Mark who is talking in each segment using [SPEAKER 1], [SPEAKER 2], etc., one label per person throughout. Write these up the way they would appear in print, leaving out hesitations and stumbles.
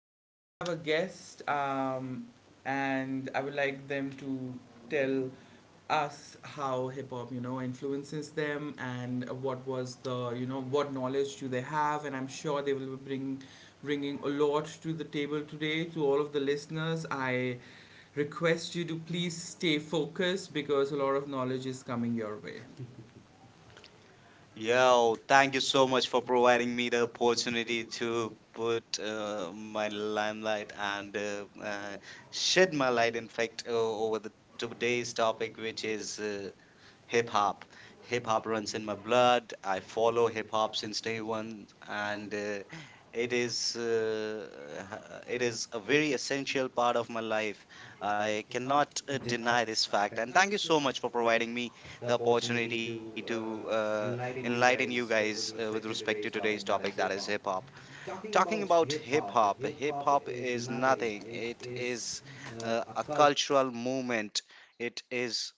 [SPEAKER 1] so I have a guest, and I would like them to tell us how hip hop, you know, influences them, and what was the, you know, what knowledge do they have, and I'm sure they will be bringing a lot to the table today to all of the listeners. I request you to please stay focused because a lot of knowledge is coming your way.
[SPEAKER 2] Yo, thank you so much for providing me the opportunity to put my limelight and shed my light, in fact, over the today's topic, which is hip hop. Hip hop runs in my blood. I follow hip hop since day one, and it is it is a very essential part of my life. I cannot deny this fact. And thank you so much for providing me the opportunity to enlighten you guys with respect to today's topic, that is hip hop. Talking about hip hop is nothing. It is a cultural movement. It is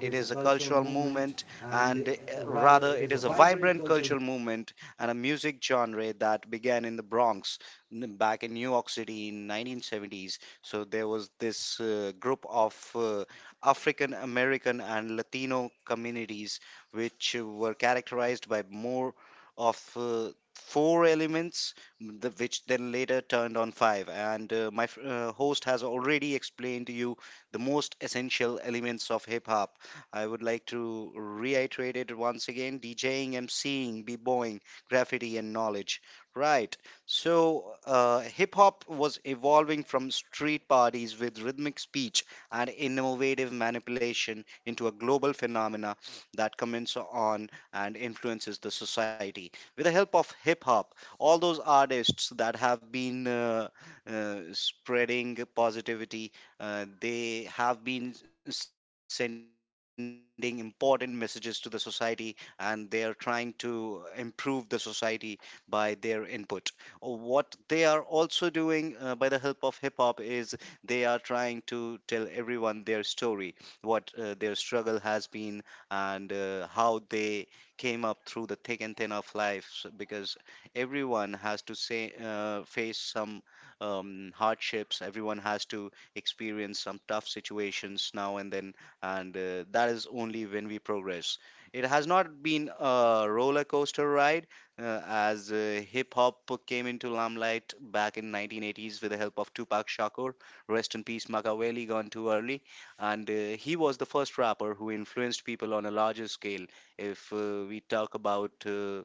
[SPEAKER 2] it is a cultural movement, and rather it is a vibrant cultural movement and a music genre that began in the Bronx back in New York City in 1970s. So there was this group of African American and Latino communities which were characterized by more of four elements, which then later turned on five. And my host has already explained to you the most essential elements of hip hop. I would like to reiterate it once again: DJing, MCing, b-boying, graffiti, and knowledge. Right. So, hip hop was evolving from street parties with rhythmic speech and innovative manipulation into a global phenomena that comments on and influences the society. With the help of hip hop, all those artists that have been spreading positivity, they have been sending important messages to the society, and they are trying to improve the society by their input. Uh, What they are also doing by the help of hip hop is they are trying to tell everyone their story, what their struggle has been, and how they came up through the thick and thin of life, because everyone has to say face some hardships. Everyone has to experience some tough situations now and then, and that is only when we progress. It has not been a roller coaster ride, as hip hop came into limelight back in 1980s with the help of Tupac Shakur. Rest in peace, Machiavelli, gone too early, and he was the first rapper who influenced people on a larger scale. If we talk about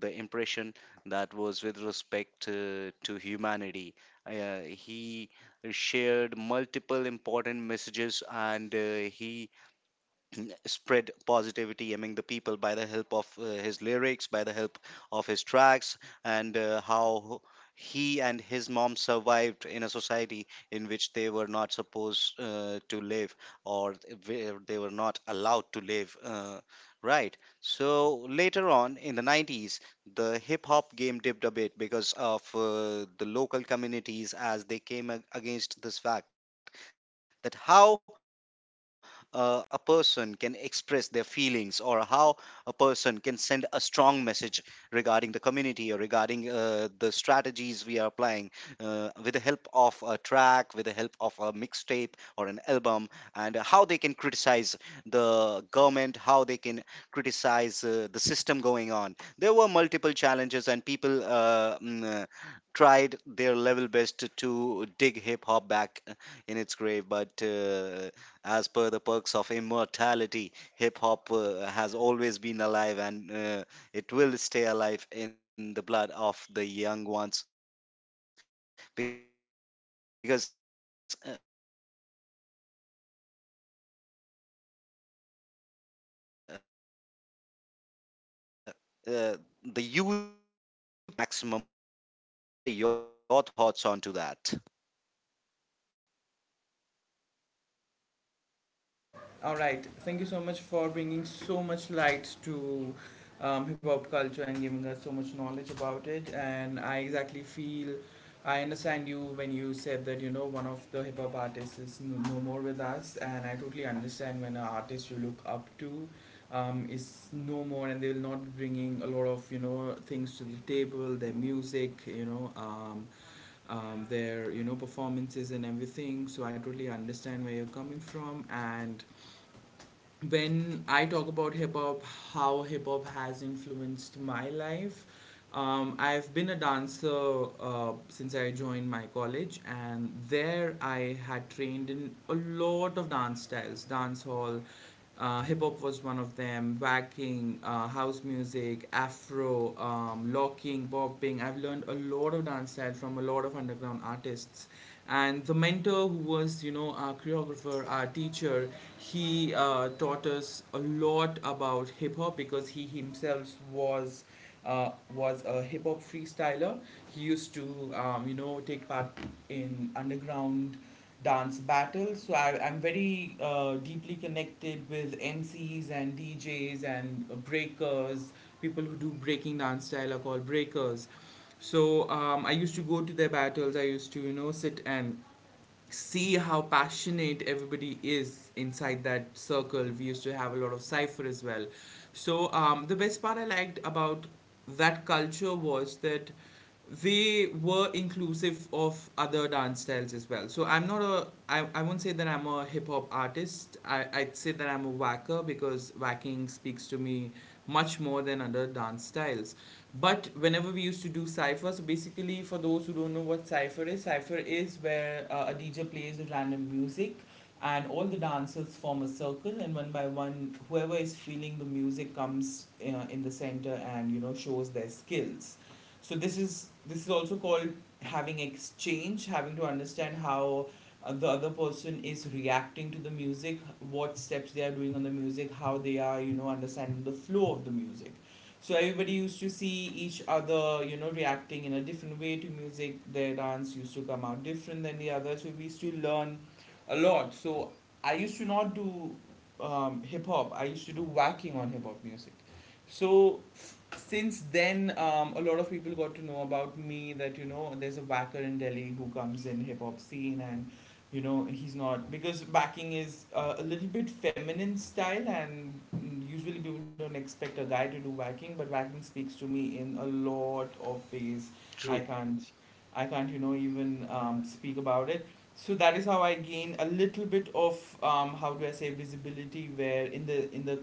[SPEAKER 2] the impression that was with respect to humanity. He shared multiple important messages, and he spread positivity among the people by the help of his lyrics, by the help of his tracks, and how he and his mom survived in a society in which they were not supposed to live, or where they were not allowed to live. Right. So later on in the 90s, the hip hop game dipped a bit because of the local communities, as they came against this fact that how a person can express their feelings, or how a person can send a strong message regarding the community, or regarding the strategies we are applying with the help of a track, with the help of a mixtape or an album, and how they can criticize the government, how they can criticize the system going on. There were multiple challenges, and people tried their level best to dig hip hop back in its grave. But as per the perks of immortality, hip hop has always been alive, and it will stay alive in the blood of the young ones, because uh, the youth is that kind of generation which owns the maximum power of any nation, right? And if the youth of any nation is following a certain thing, then it means a lot, right? What are your thoughts on to that?
[SPEAKER 1] All right. Thank you so much for bringing so much light to hip hop culture and giving us so much knowledge about it. And I exactly feel I understand you when you said that you know one of the hip hop artists is no more with us. And I totally understand when an artist you look up to, is no more and they will not be bringing a lot of you know things to the table, their music, you know. Their you know performances and everything, so I totally understand where you're coming from. And when I talk about hip hop, how hip hop has influenced my life, I've been a dancer since I joined my college, and there I had trained in a lot of dance styles: dance hall, hip hop was one of them, whacking, house music, afro, locking, bopping. I've learned a lot of dance style from a lot of underground artists. And the mentor who was, you know, our choreographer, our teacher, he taught us a lot about hip hop because he himself was a hip hop freestyler. He used to, you know, take part in underground dance battle. So I'm very deeply connected with MCs and DJs and breakers. People who do breaking dance style are called breakers. So I used to go to their battles. I used to you know sit and see how passionate everybody is inside that circle. We used to have a lot of cipher as well. So the best part I liked about that culture was that they were inclusive of other dance styles as well. So I won't say that I'm a hip hop artist. I'd say that I'm a whacker because whacking speaks to me much more than other dance styles. But whenever we used to do cypher, so basically for those who don't know what cypher is where a DJ plays random music and all the dancers form a circle, and one by one whoever is feeling the music comes in the center and you know shows their skills. So this is also called having exchange, having to understand how the other person is reacting to the music, what steps they are doing on the music, how they are, you know, understanding the flow of the music. So everybody used to see each other, you know, reacting in a different way to music. Their dance used to come out different than the other. So we used to learn a lot. So I used to not do hip hop. I used to do whacking on hip hop music. So since then, a lot of people got to know about me that you know there's a whacker in Delhi who comes in hip hop scene, and you know he's not, because backing is a little bit feminine style, and usually people don't expect a guy to do backing, but backing speaks to me in a lot of ways. i
[SPEAKER 2] True.
[SPEAKER 1] can't i can't you know even speak about it. So that is how I gain a little bit of, how do I say, visibility, where in the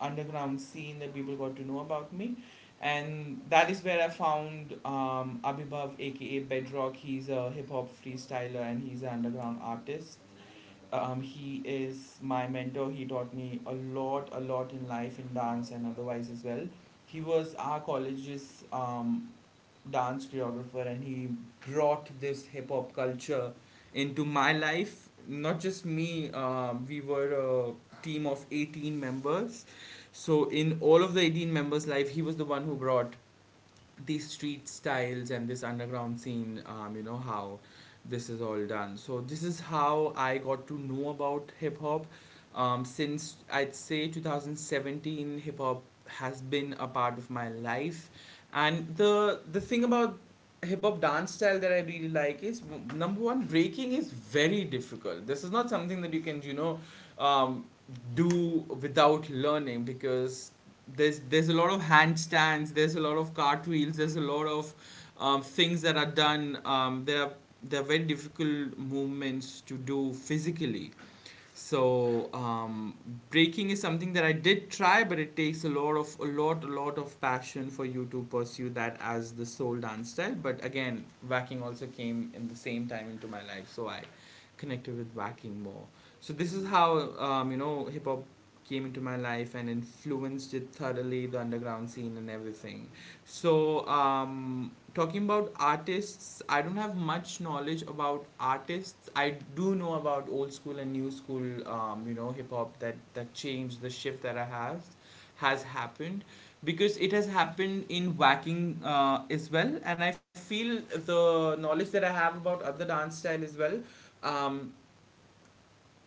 [SPEAKER 1] underground scene that people got to know about me. And that is where I found, Abhibhav, aka Bedrock. He's a hip hop freestyler and he's an underground artist. He is my mentor. He taught me a lot in life, in dance, and otherwise as well. He was our college's dance choreographer, and he brought this hip hop culture into my life. Not just me, we were a team of 18 members. So in all of the 18 members' life, he was the one who brought these street styles and this underground scene, you know, how this is all done. So, this is how I got to know about hip hop. Since I'd say 2017, hip hop has been a part of my life. And the thing about hip hop dance style that I really like is number one, breaking is very difficult. This is not something that you can, you know, do without learning, because there's a lot of handstands, there's a lot of cartwheels, there's a lot of things that are done. There are very difficult movements to do physically. So breaking is something that I did try, but it takes a lot of a lot of passion for you to pursue that as the sole dance style. But again, whacking also came in the same time into my life, so I connected with whacking more. So this is how, you know, hip hop came into my life and influenced it thoroughly, the underground scene and everything. So, talking about artists, I don't have much knowledge about artists. I do know about old school and new school, you know, hip hop, that change, the shift that I have has happened because it has happened in whacking as well, and I feel the knowledge that I have about other dance style as well. um,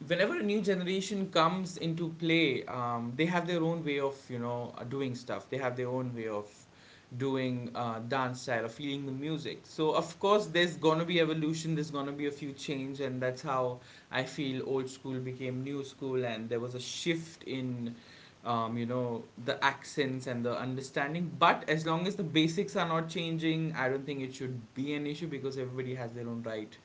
[SPEAKER 1] whenever a new generation comes into play, they have their own way of you know doing stuff. They have their own way of doing dance style or feeling the music. So of course, there's gonna be evolution. There's gonna be a few change, and that's how I feel old school became new school, and there was a shift in. You know, the accents and the understanding, but as long as the basics are not changing, I don't think it should be an issue, because everybody has their own right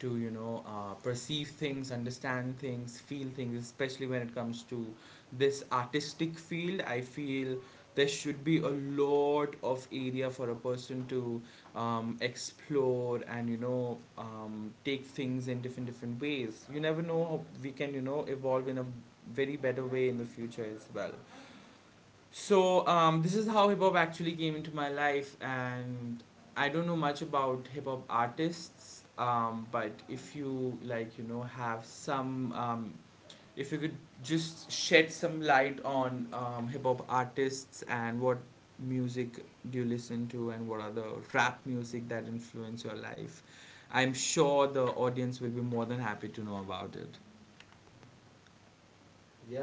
[SPEAKER 1] to you know perceive things, understand things, feel things, especially when it comes to this artistic field. I feel there should be a lot of area for a person to, explore, and you know take things in different different ways. You never know how we can you know evolve in a very better way in the future as well. So this is how hip hop actually came into my life. And I don't know much about hip hop artists, but if you like, you know, have some, if you could just shed some light on hip hop artists, and what music do you listen to, and what are the rap music that influence your life, I'm sure the audience will be more than happy to know about it.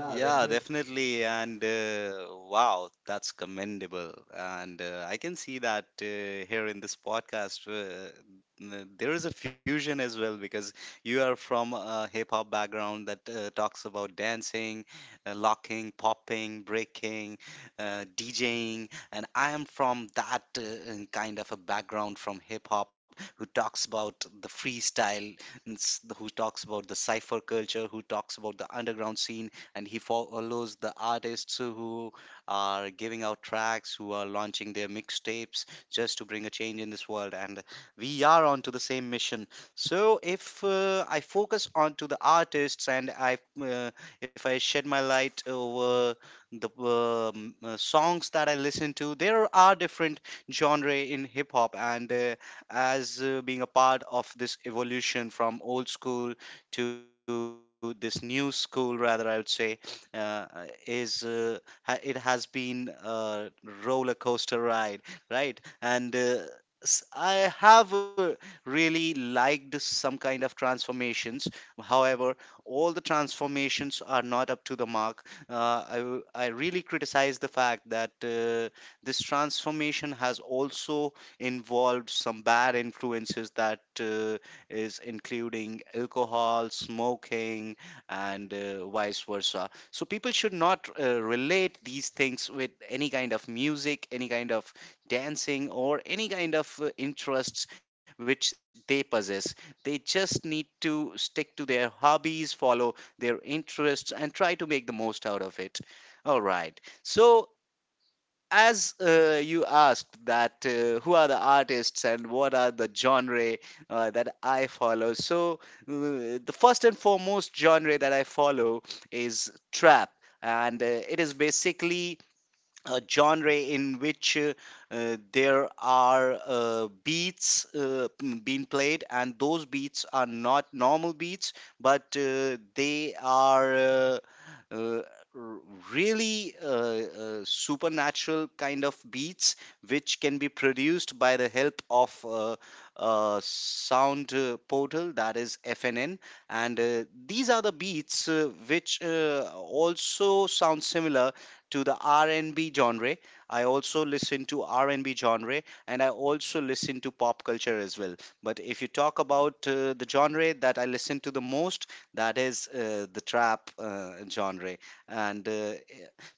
[SPEAKER 2] Yeah, definitely. And wow, that's commendable. And I can see that here in this podcast, there is a fusion as well, because you are from a hip hop background that talks about dancing, locking, popping, breaking, DJing. And I am from that kind of a background from hip hop who talks about the freestyle, and who talks about the cypher culture, who talks about the underground scene, and he follows the artists who are giving out tracks, who are launching their mixtapes just to bring a change in this world. And we are on to the same mission. So if I focus on to the artists, and I uh, if I shed my light over the songs that I listen to, there are different genre in hip hop. And as being a part of this evolution from old school to this new school, rather I would say uh, is it has been a roller coaster ride, right? And I have really liked some kind of transformations. However, all the transformations are not up to the mark. I really criticize the fact that this transformation has also involved some bad influences that is including alcohol, smoking, and vice versa. So people should not relate these things with any kind of music, any kind of dancing, or any kind of interests which they possess. They just need to stick to their hobbies, follow their interests, and try to make the most out of it. All right. So as you asked that who are the artists and what are the genre that I follow. So the first and foremost genre that I follow is trap. And it is basically a genre in which there are beats being played, and those beats are not normal beats, but they are uh, r- really supernatural kind of beats, which can be produced by the help of a sound portal, that is FNN. And these are the beats which also sound similar to the R&B genre. I also listen to R&B genre, and I also listen to pop culture as well. But if you talk about the genre that I listen to the most, that is the trap genre. And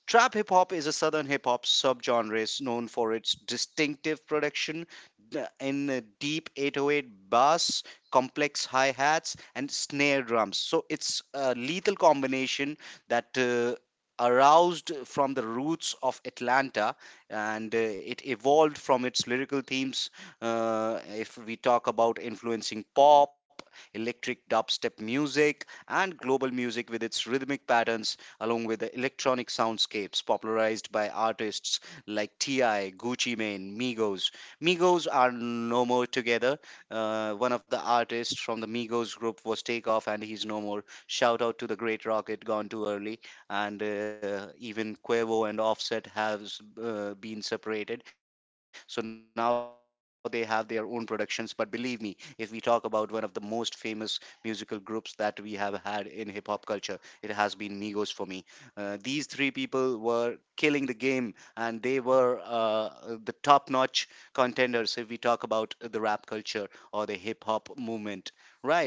[SPEAKER 2] trap hip hop is a southern hip hop subgenre known for its distinctive production, in a deep 808 bass, complex hi hats, and snare drums. So it's a lethal combination that aroused from the roots of Atlanta, and it evolved from its lyrical themes. If we talk about influencing pop, electric dubstep music, and global music with its rhythmic patterns, along with the electronic soundscapes popularized by artists like T.I., Gucci Mane, Migos. Migos are no more together. One of the artists from the Migos group was Takeoff, and he's no more. Shout out to the great Rocket, gone too early. And even Quavo and Offset has been separated. So now they have their own productions. But believe me, if we talk about one of the most famous musical groups that we have had in hip hop culture, it has been Migos for me. These three people were killing the game, and they were the top notch contenders if we talk about the rap culture or the hip hop movement, right?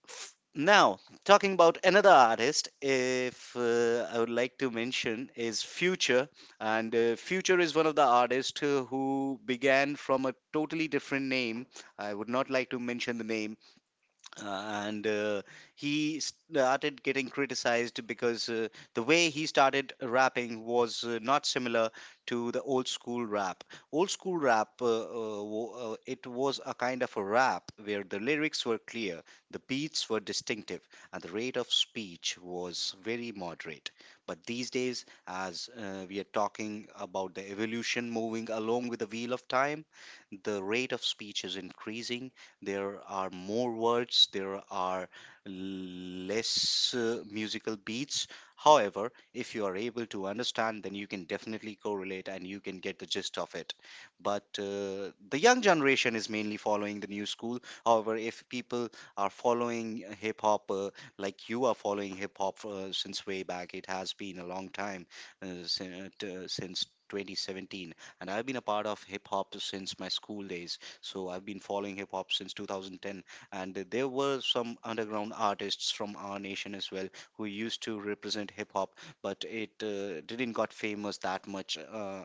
[SPEAKER 2] Now, talking about another artist, if I would like to mention, is Future. And Future is one of the artists who began from a totally different name. I would not like to mention the name, uh, and he started getting criticized because the way he started rapping was not similar to the old school rap. Old school rap, it was a kind of a rap where the lyrics were clear, the beats were distinctive, and the rate of speech was very moderate. But these days, as we are talking about the evolution moving along with the wheel of time, the rate of speech is increasing, there are more words, there are less musical beats. However, if you are able to understand, then you can definitely correlate and you can get the gist of it. But the young generation is mainly following the new school. However, if people are following hip hop like you are following hip hop since way back, it has been a long time since 2017, and I've been a part of hip hop since my school days, so I've been following hip hop since 2010. And there were some underground artists from our nation as well who used to represent hip hop, but it didn't got famous that much.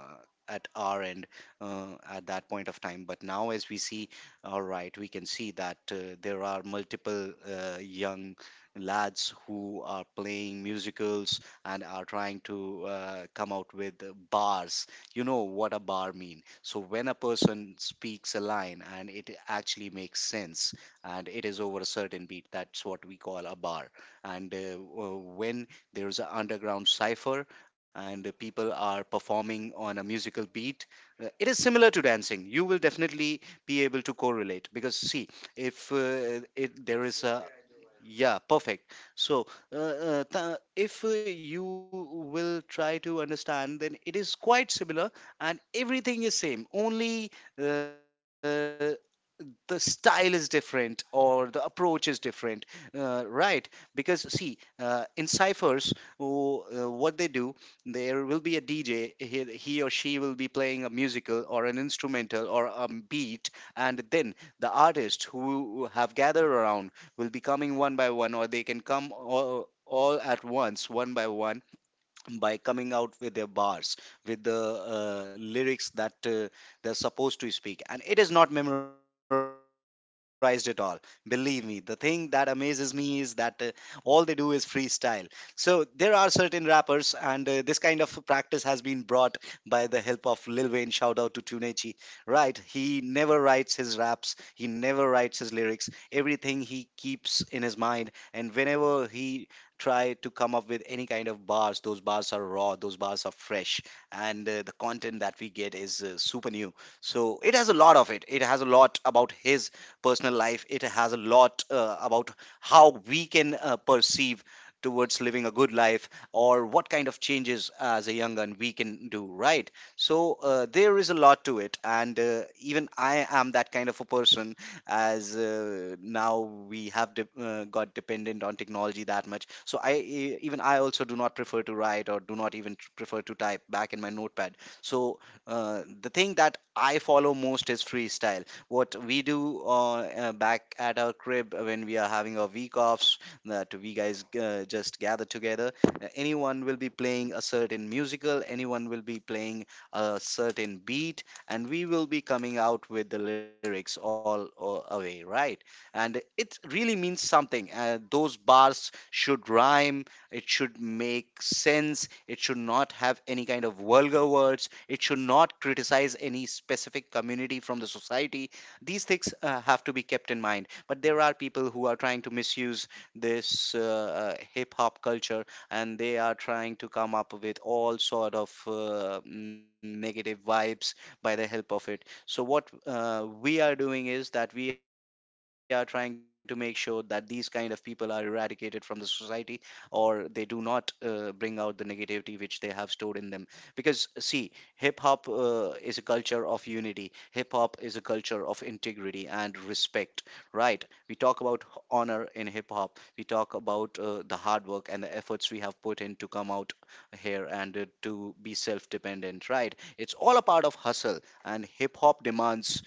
[SPEAKER 2] At our end at that point of time, but now as we see, all right, we can see that there are multiple young lads who are playing musicals and are trying to come out with bars. You know what a bar mean? So when a person speaks a line and it actually makes sense and it is over a certain beat, that's what we call a bar. And when there's an underground cipher and the people are performing on a musical beat, it is similar to dancing. You will definitely be able to correlate because see, if there is a, yeah, perfect. So, if you will try to understand, then it is quite similar and everything is same only. uh, the style is different or the approach is different, right? Because see, in ciphers, oh, what they do, there will be a DJ. He or she will be playing a musical or an instrumental or a beat, and then the artists who have gathered around will be coming one by one, or they can come all at once, one by one, by coming out with their bars, with the lyrics that they're supposed to speak. And it is not memorized at all. Believe me, the thing that amazes me is that all they do is freestyle. So there are certain rappers, and this kind of practice has been brought by the help of Lil Wayne. Shout out to Tunechi. Right, he never writes his raps, he never writes his lyrics. Everything he keeps in his mind, and whenever he try to come up with any kind of bars, those bars are raw, those bars are fresh, and the content that we get is super new. So it has a lot of it. It has a lot about his personal life, it has a lot about how we can perceive towards living a good life, or what kind of changes as a young gun we can do, right? So there is a lot to it, and even I am that kind of a person. As now we have got dependent on technology that much. So I even I also do not prefer to write, or do not even prefer to type back in my notepad. So the thing that I follow most is freestyle. What we do, back at our crib when we are having our week offs, that we guys just gather together. Anyone will be playing a certain musical. Anyone will be playing a certain beat, and we will be coming out with the lyrics all away, right? And it really means something. Those bars should rhyme, it should make sense, it should not have any kind of vulgar words, it should not criticize any specific community from the society. These things have to be kept in mind. But there are people who are trying to misuse this hip hop culture, and they are trying to come up with all sort of negative vibes by the help of it. So what we are doing is that we are trying to make sure that these kind of people are eradicated from the society, or they do not bring out the negativity which they have stored in them. Because see, hip hop is a culture of unity. Hip hop is a culture of integrity and respect. Right? We talk about honor in hip hop. We talk about the hard work and the efforts we have put in to come out here and to be self dependent, right? It's all a part of hustle, and hip hop demands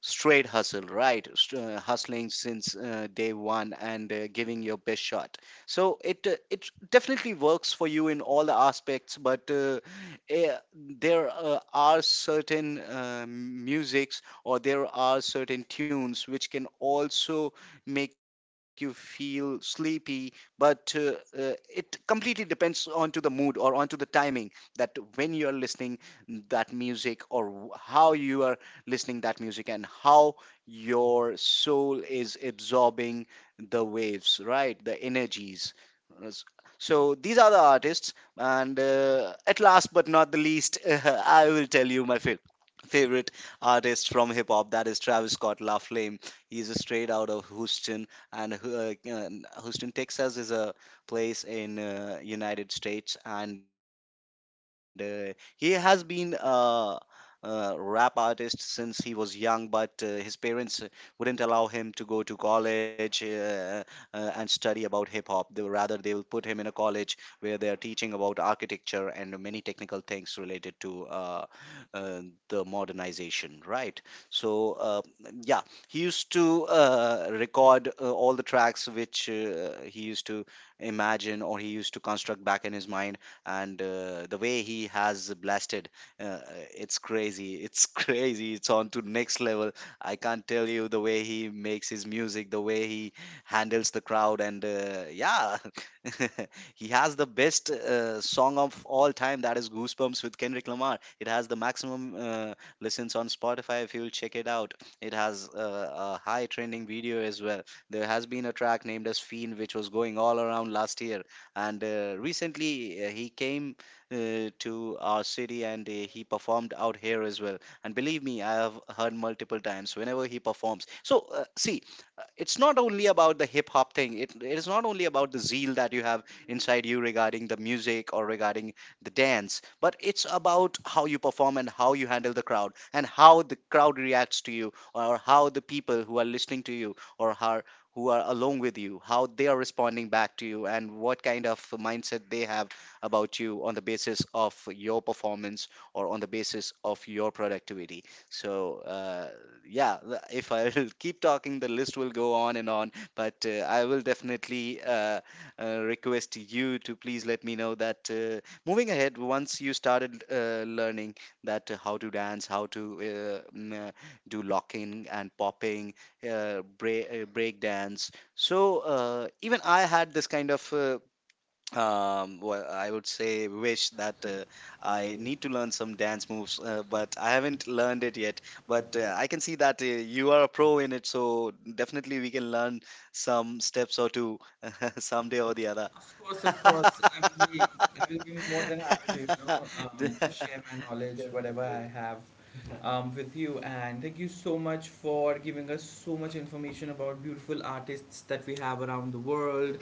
[SPEAKER 2] straight hustle. Right, hustling since day one, and giving your best shot. So it definitely works for you in all the aspects, but eh, there are certain musics, or there are certain tunes which can also make you feel sleepy, but it completely depends onto the mood or onto the timing, that when you are listening that music, or how you are listening that music, and how your soul is absorbing the waves, right? The energies. Yes. So these are the artists, and at last but not the least, I will tell you my favorite artist from hip hop, that is Travis Scott La Flame. He's a straight out of Houston, and Houston, Texas is a place in United States, and he has been rap artist since he was young, but his parents wouldn't allow him to go to college and study about hip hop. They will, rather they will put him in a college where they are teaching about architecture and many technical things related to uh, the modernization. Right. So yeah, he used to record all the tracks which he used to imagine, or he used to construct back in his mind, and the way he has blasted, uh, it's crazy, it's crazy, it's on to next level. I can't tell you the way he makes his music, the way he handles the crowd, and yeah, he has the best song of all time, that is Goosebumps with Kendrick Lamar. It has the maximum listens on Spotify. If you'll check it out, it has a high trending video as well. There has been a track named as Fiend which was going all around last year, and recently he came to our city, and he performed out here as well. And believe me, I have heard multiple times whenever he performs. So, see, it's not only about the hip hop thing, it is not only about the zeal that you have inside you regarding the music, or regarding the dance, but it's about how you perform and how you handle the crowd, and how the crowd reacts to you, or how the people who are listening to you, or how who are along with you, how they are responding back to you, and what kind of mindset they have about you on the basis of your performance or on the basis of your productivity. So, yeah, if I will keep talking, the list will go on and on, but I will definitely request you to please let me know that moving ahead, once you started learning that how to dance, how to uh, mm, uh, do locking and popping, break dance. So even I had this kind of well I would say wish that I need to learn some dance moves, but I haven't learned it yet, but I can see that you are a pro in it, so definitely we can learn some steps or two someday or the other.
[SPEAKER 1] Of course, of course. I will be more than happy to, you know, share my knowledge, whatever I have, with you. And thank you so much for giving us so much information about beautiful artists that we have around the world,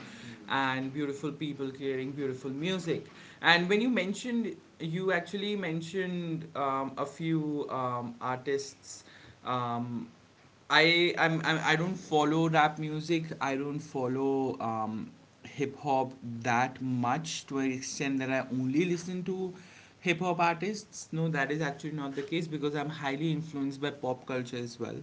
[SPEAKER 1] and beautiful people creating beautiful music. And when you mentioned, you actually mentioned a few artists. Um, I I'm I don't follow rap music. I don't follow hip hop that much, to an extent that I only listen to hip hop artists. No, that is actually not the case, because I'm highly influenced by pop culture as well.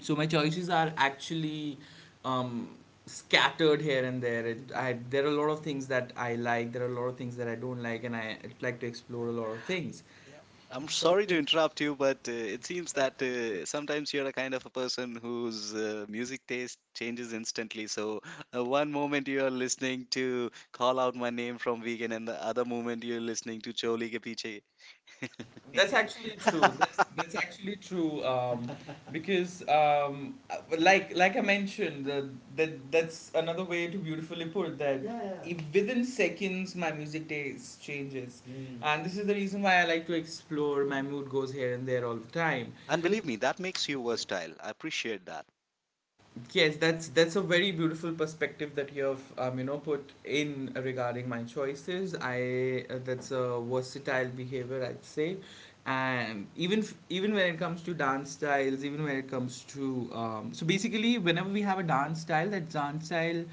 [SPEAKER 1] So my choices are actually um, scattered here and there. I there are a lot of things that I like. There are a lot of things that I don't like, and I like to explore a lot of things.
[SPEAKER 2] Yeah. I'm sorry to interrupt you, but it seems that sometimes you're a kind of a person whose music taste changes instantly. So, one moment you're listening to Call Out My Name from Vegan, and the other moment you're listening to Choli Ke Piche.
[SPEAKER 1] That's actually true. That's that's actually true. Because like I mentioned, that that's another way to beautifully put that. Yeah, yeah. If within seconds, my music taste changes, Mm, and this is the reason why I like to explore. My mood goes here and there all the time.
[SPEAKER 2] And believe me, that makes you versatile. I appreciate
[SPEAKER 1] Yes, that's a very beautiful perspective that you have you know put in regarding my choices. I that's a versatile behavior, I'd say. And even when it comes to dance styles, even when it comes to so basically whenever we have a dance style, that dance style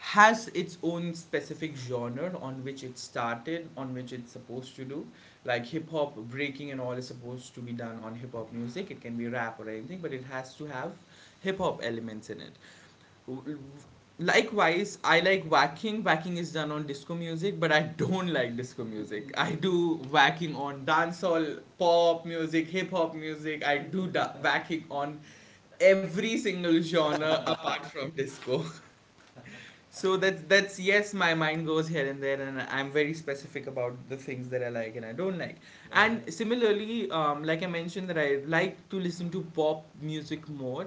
[SPEAKER 1] has its own specific genre on which it started, on which it's supposed to do. Like hip hop breaking and all is supposed to be done on hip hop music. It can be rap or anything, but it has to have hip hop elements in it. Likewise, I like whacking. Whacking is done on disco music, but I don't like disco music. I do whacking on dancehall, pop music, hip hop music. I do whacking on every single genre
[SPEAKER 2] that.
[SPEAKER 1] apart from disco. So that's yes, my mind goes here and there, and I'm very specific about the things that I like and I don't like. And similarly, like I mentioned, that I like to listen to pop music more,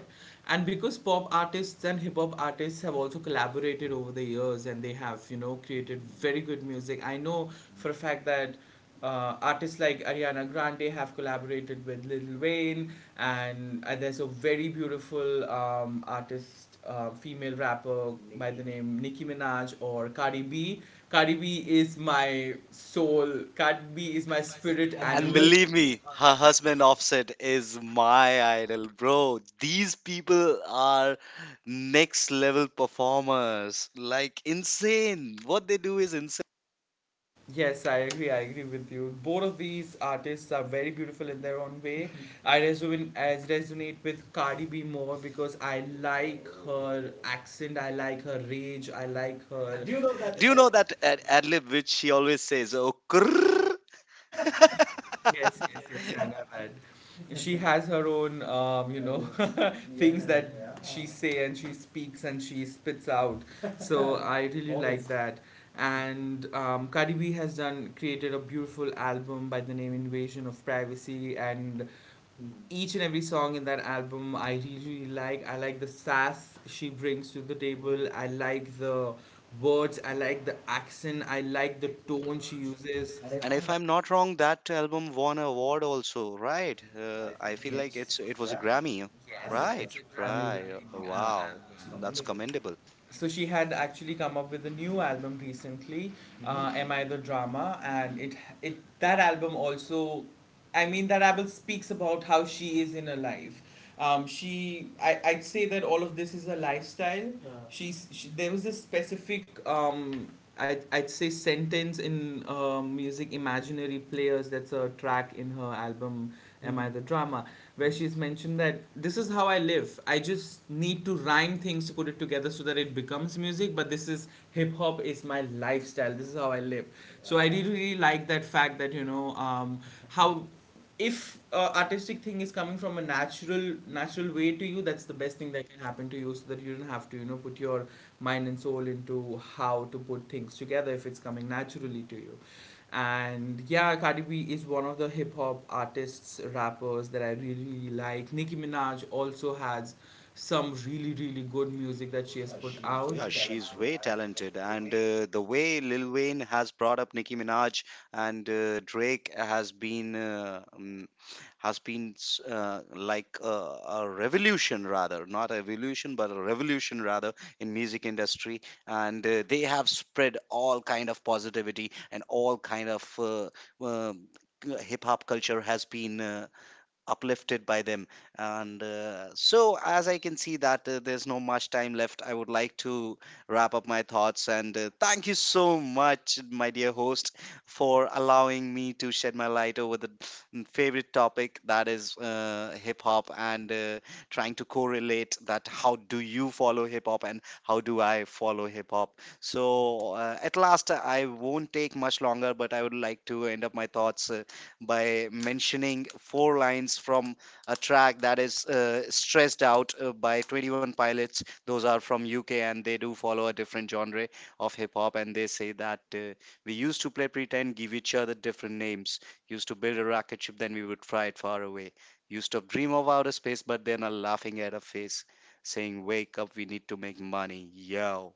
[SPEAKER 1] and because pop artists and hip hop artists have also collaborated over the years and they have, you know, created very good music. I know for a fact that artists like Ariana Grande have collaborated with Lil Wayne, and there's a very beautiful artist, female rapper by the name Nicki Minaj or Cardi B. Cardi B is my soul. Cardi B is my spirit
[SPEAKER 2] And
[SPEAKER 1] animal.
[SPEAKER 2] believe me, her husband Offset is my idol, bro. These people are next level performers. Like, insane. What they do is insane.
[SPEAKER 1] Yes, I agree. I agree with you. Both of these artists are very beautiful in their own way. I resonate with Cardi B more because I like her accent. I like her rage. I like her.
[SPEAKER 2] Do you know that ad lib which she always says? Oh, krrr.
[SPEAKER 1] Yes, yes, yes. I know that. She has her own, things that she say, and she speaks and she spits out. So I really like that. And Cardi B has done created a beautiful album by the name Invasion of Privacy, and each and every song in that album I really, really like. I like the sass she brings to the table. I like the words. I like the accent. I like the tone she uses.
[SPEAKER 2] And if
[SPEAKER 1] Not,
[SPEAKER 2] I'm not wrong, that album won an award also, right? I feel like
[SPEAKER 1] yes,
[SPEAKER 2] it was a Grammy.
[SPEAKER 1] a, yes,
[SPEAKER 2] Right,
[SPEAKER 1] it's a Grammy
[SPEAKER 2] right.
[SPEAKER 1] winning
[SPEAKER 2] Wow. That's
[SPEAKER 1] album.
[SPEAKER 2] commendable.
[SPEAKER 1] So she had actually come up with a new album recently. Mm-hmm. Am I the Drama, and it, that album also, I mean, that album speaks about how she is in her life. She, I'd say that all of this is a lifestyle. Yeah. There was a specific I'd say sentence in music, Imaginary Players, that's a track in her album Am I the Drama, where she's mentioned that this is how I live. I just need to rhyme things to put it together so that it becomes music, but this is, hip hop is my lifestyle. This is how I live. So I really, really like that fact that, how if artistic thing is coming from a natural way to you, that's the best thing that can happen to you, so that you don't have to, you know, put your mind and soul into how to put things together if it's coming naturally to you. And yeah, Cardi B is one of the hip hop artists, rappers that I really, really like. Nicki Minaj also has some really, really good music that she has put. She's out, very
[SPEAKER 2] Yeah, she's
[SPEAKER 1] talented,
[SPEAKER 2] way
[SPEAKER 1] and
[SPEAKER 2] talented,
[SPEAKER 1] the
[SPEAKER 2] and
[SPEAKER 1] way
[SPEAKER 2] the way Lil Wayne has brought up Nicki Minaj, and Drake has been like a revolution rather, not a evolution, but a revolution rather in music industry, and they have spread all kind of positivity and all kind of um, hip hop culture has been uplifted by them. And so as I can see that there's no much time left, I would like to wrap up my thoughts, and thank you so much, my dear host, for allowing me to shed my light over the favorite topic, that is hip hop, and trying to correlate that how do you follow hip hop and how do I follow hip hop. So at last, I won't take much longer, but I would like to end up my thoughts by mentioning four lines from a track that is Stressed Out by 21 Pilots. Those are from UK, and they do follow a different genre of hip hop. And they say that we used to play pretend, give each other different names, used to build a rocket ship, then we would fly it far away, used to dream of outer space, but then are laughing at a face, saying, "Wake up, we need to make money." Yo.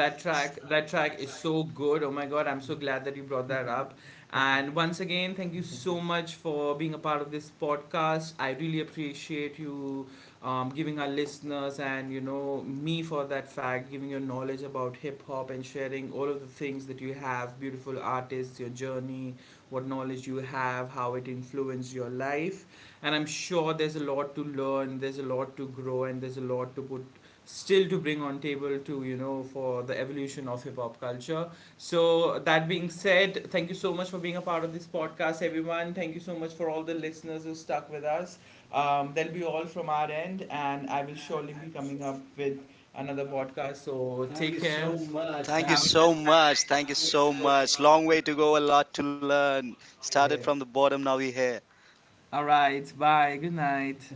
[SPEAKER 1] that track is so good. Oh my god, I'm so glad that you brought that up. And once again, thank you so much for being a part of this podcast. I really appreciate you giving our listeners, and you know me, for that fact, giving your knowledge about hip hop and sharing all of the things that you have, beautiful artists, your journey, what knowledge you have, how it influenced your life. And I'm sure there's a lot to learn, there's a lot to grow, and there's a lot to put, still to bring on table to, you know, for the evolution of hip hop culture. So that being said, thank you so much for being a part of this podcast. Everyone, thank you so much, for all the listeners who stuck with us. That'll be all from our end, and I will surely be coming up with another podcast, so take care.
[SPEAKER 2] Thank you
[SPEAKER 1] Have a
[SPEAKER 2] so
[SPEAKER 1] good, so,
[SPEAKER 2] much. Thank you so
[SPEAKER 1] night.
[SPEAKER 2] much. Long way to go, a lot to learn. Started from the bottom, now we're here.
[SPEAKER 1] All right, bye, good night.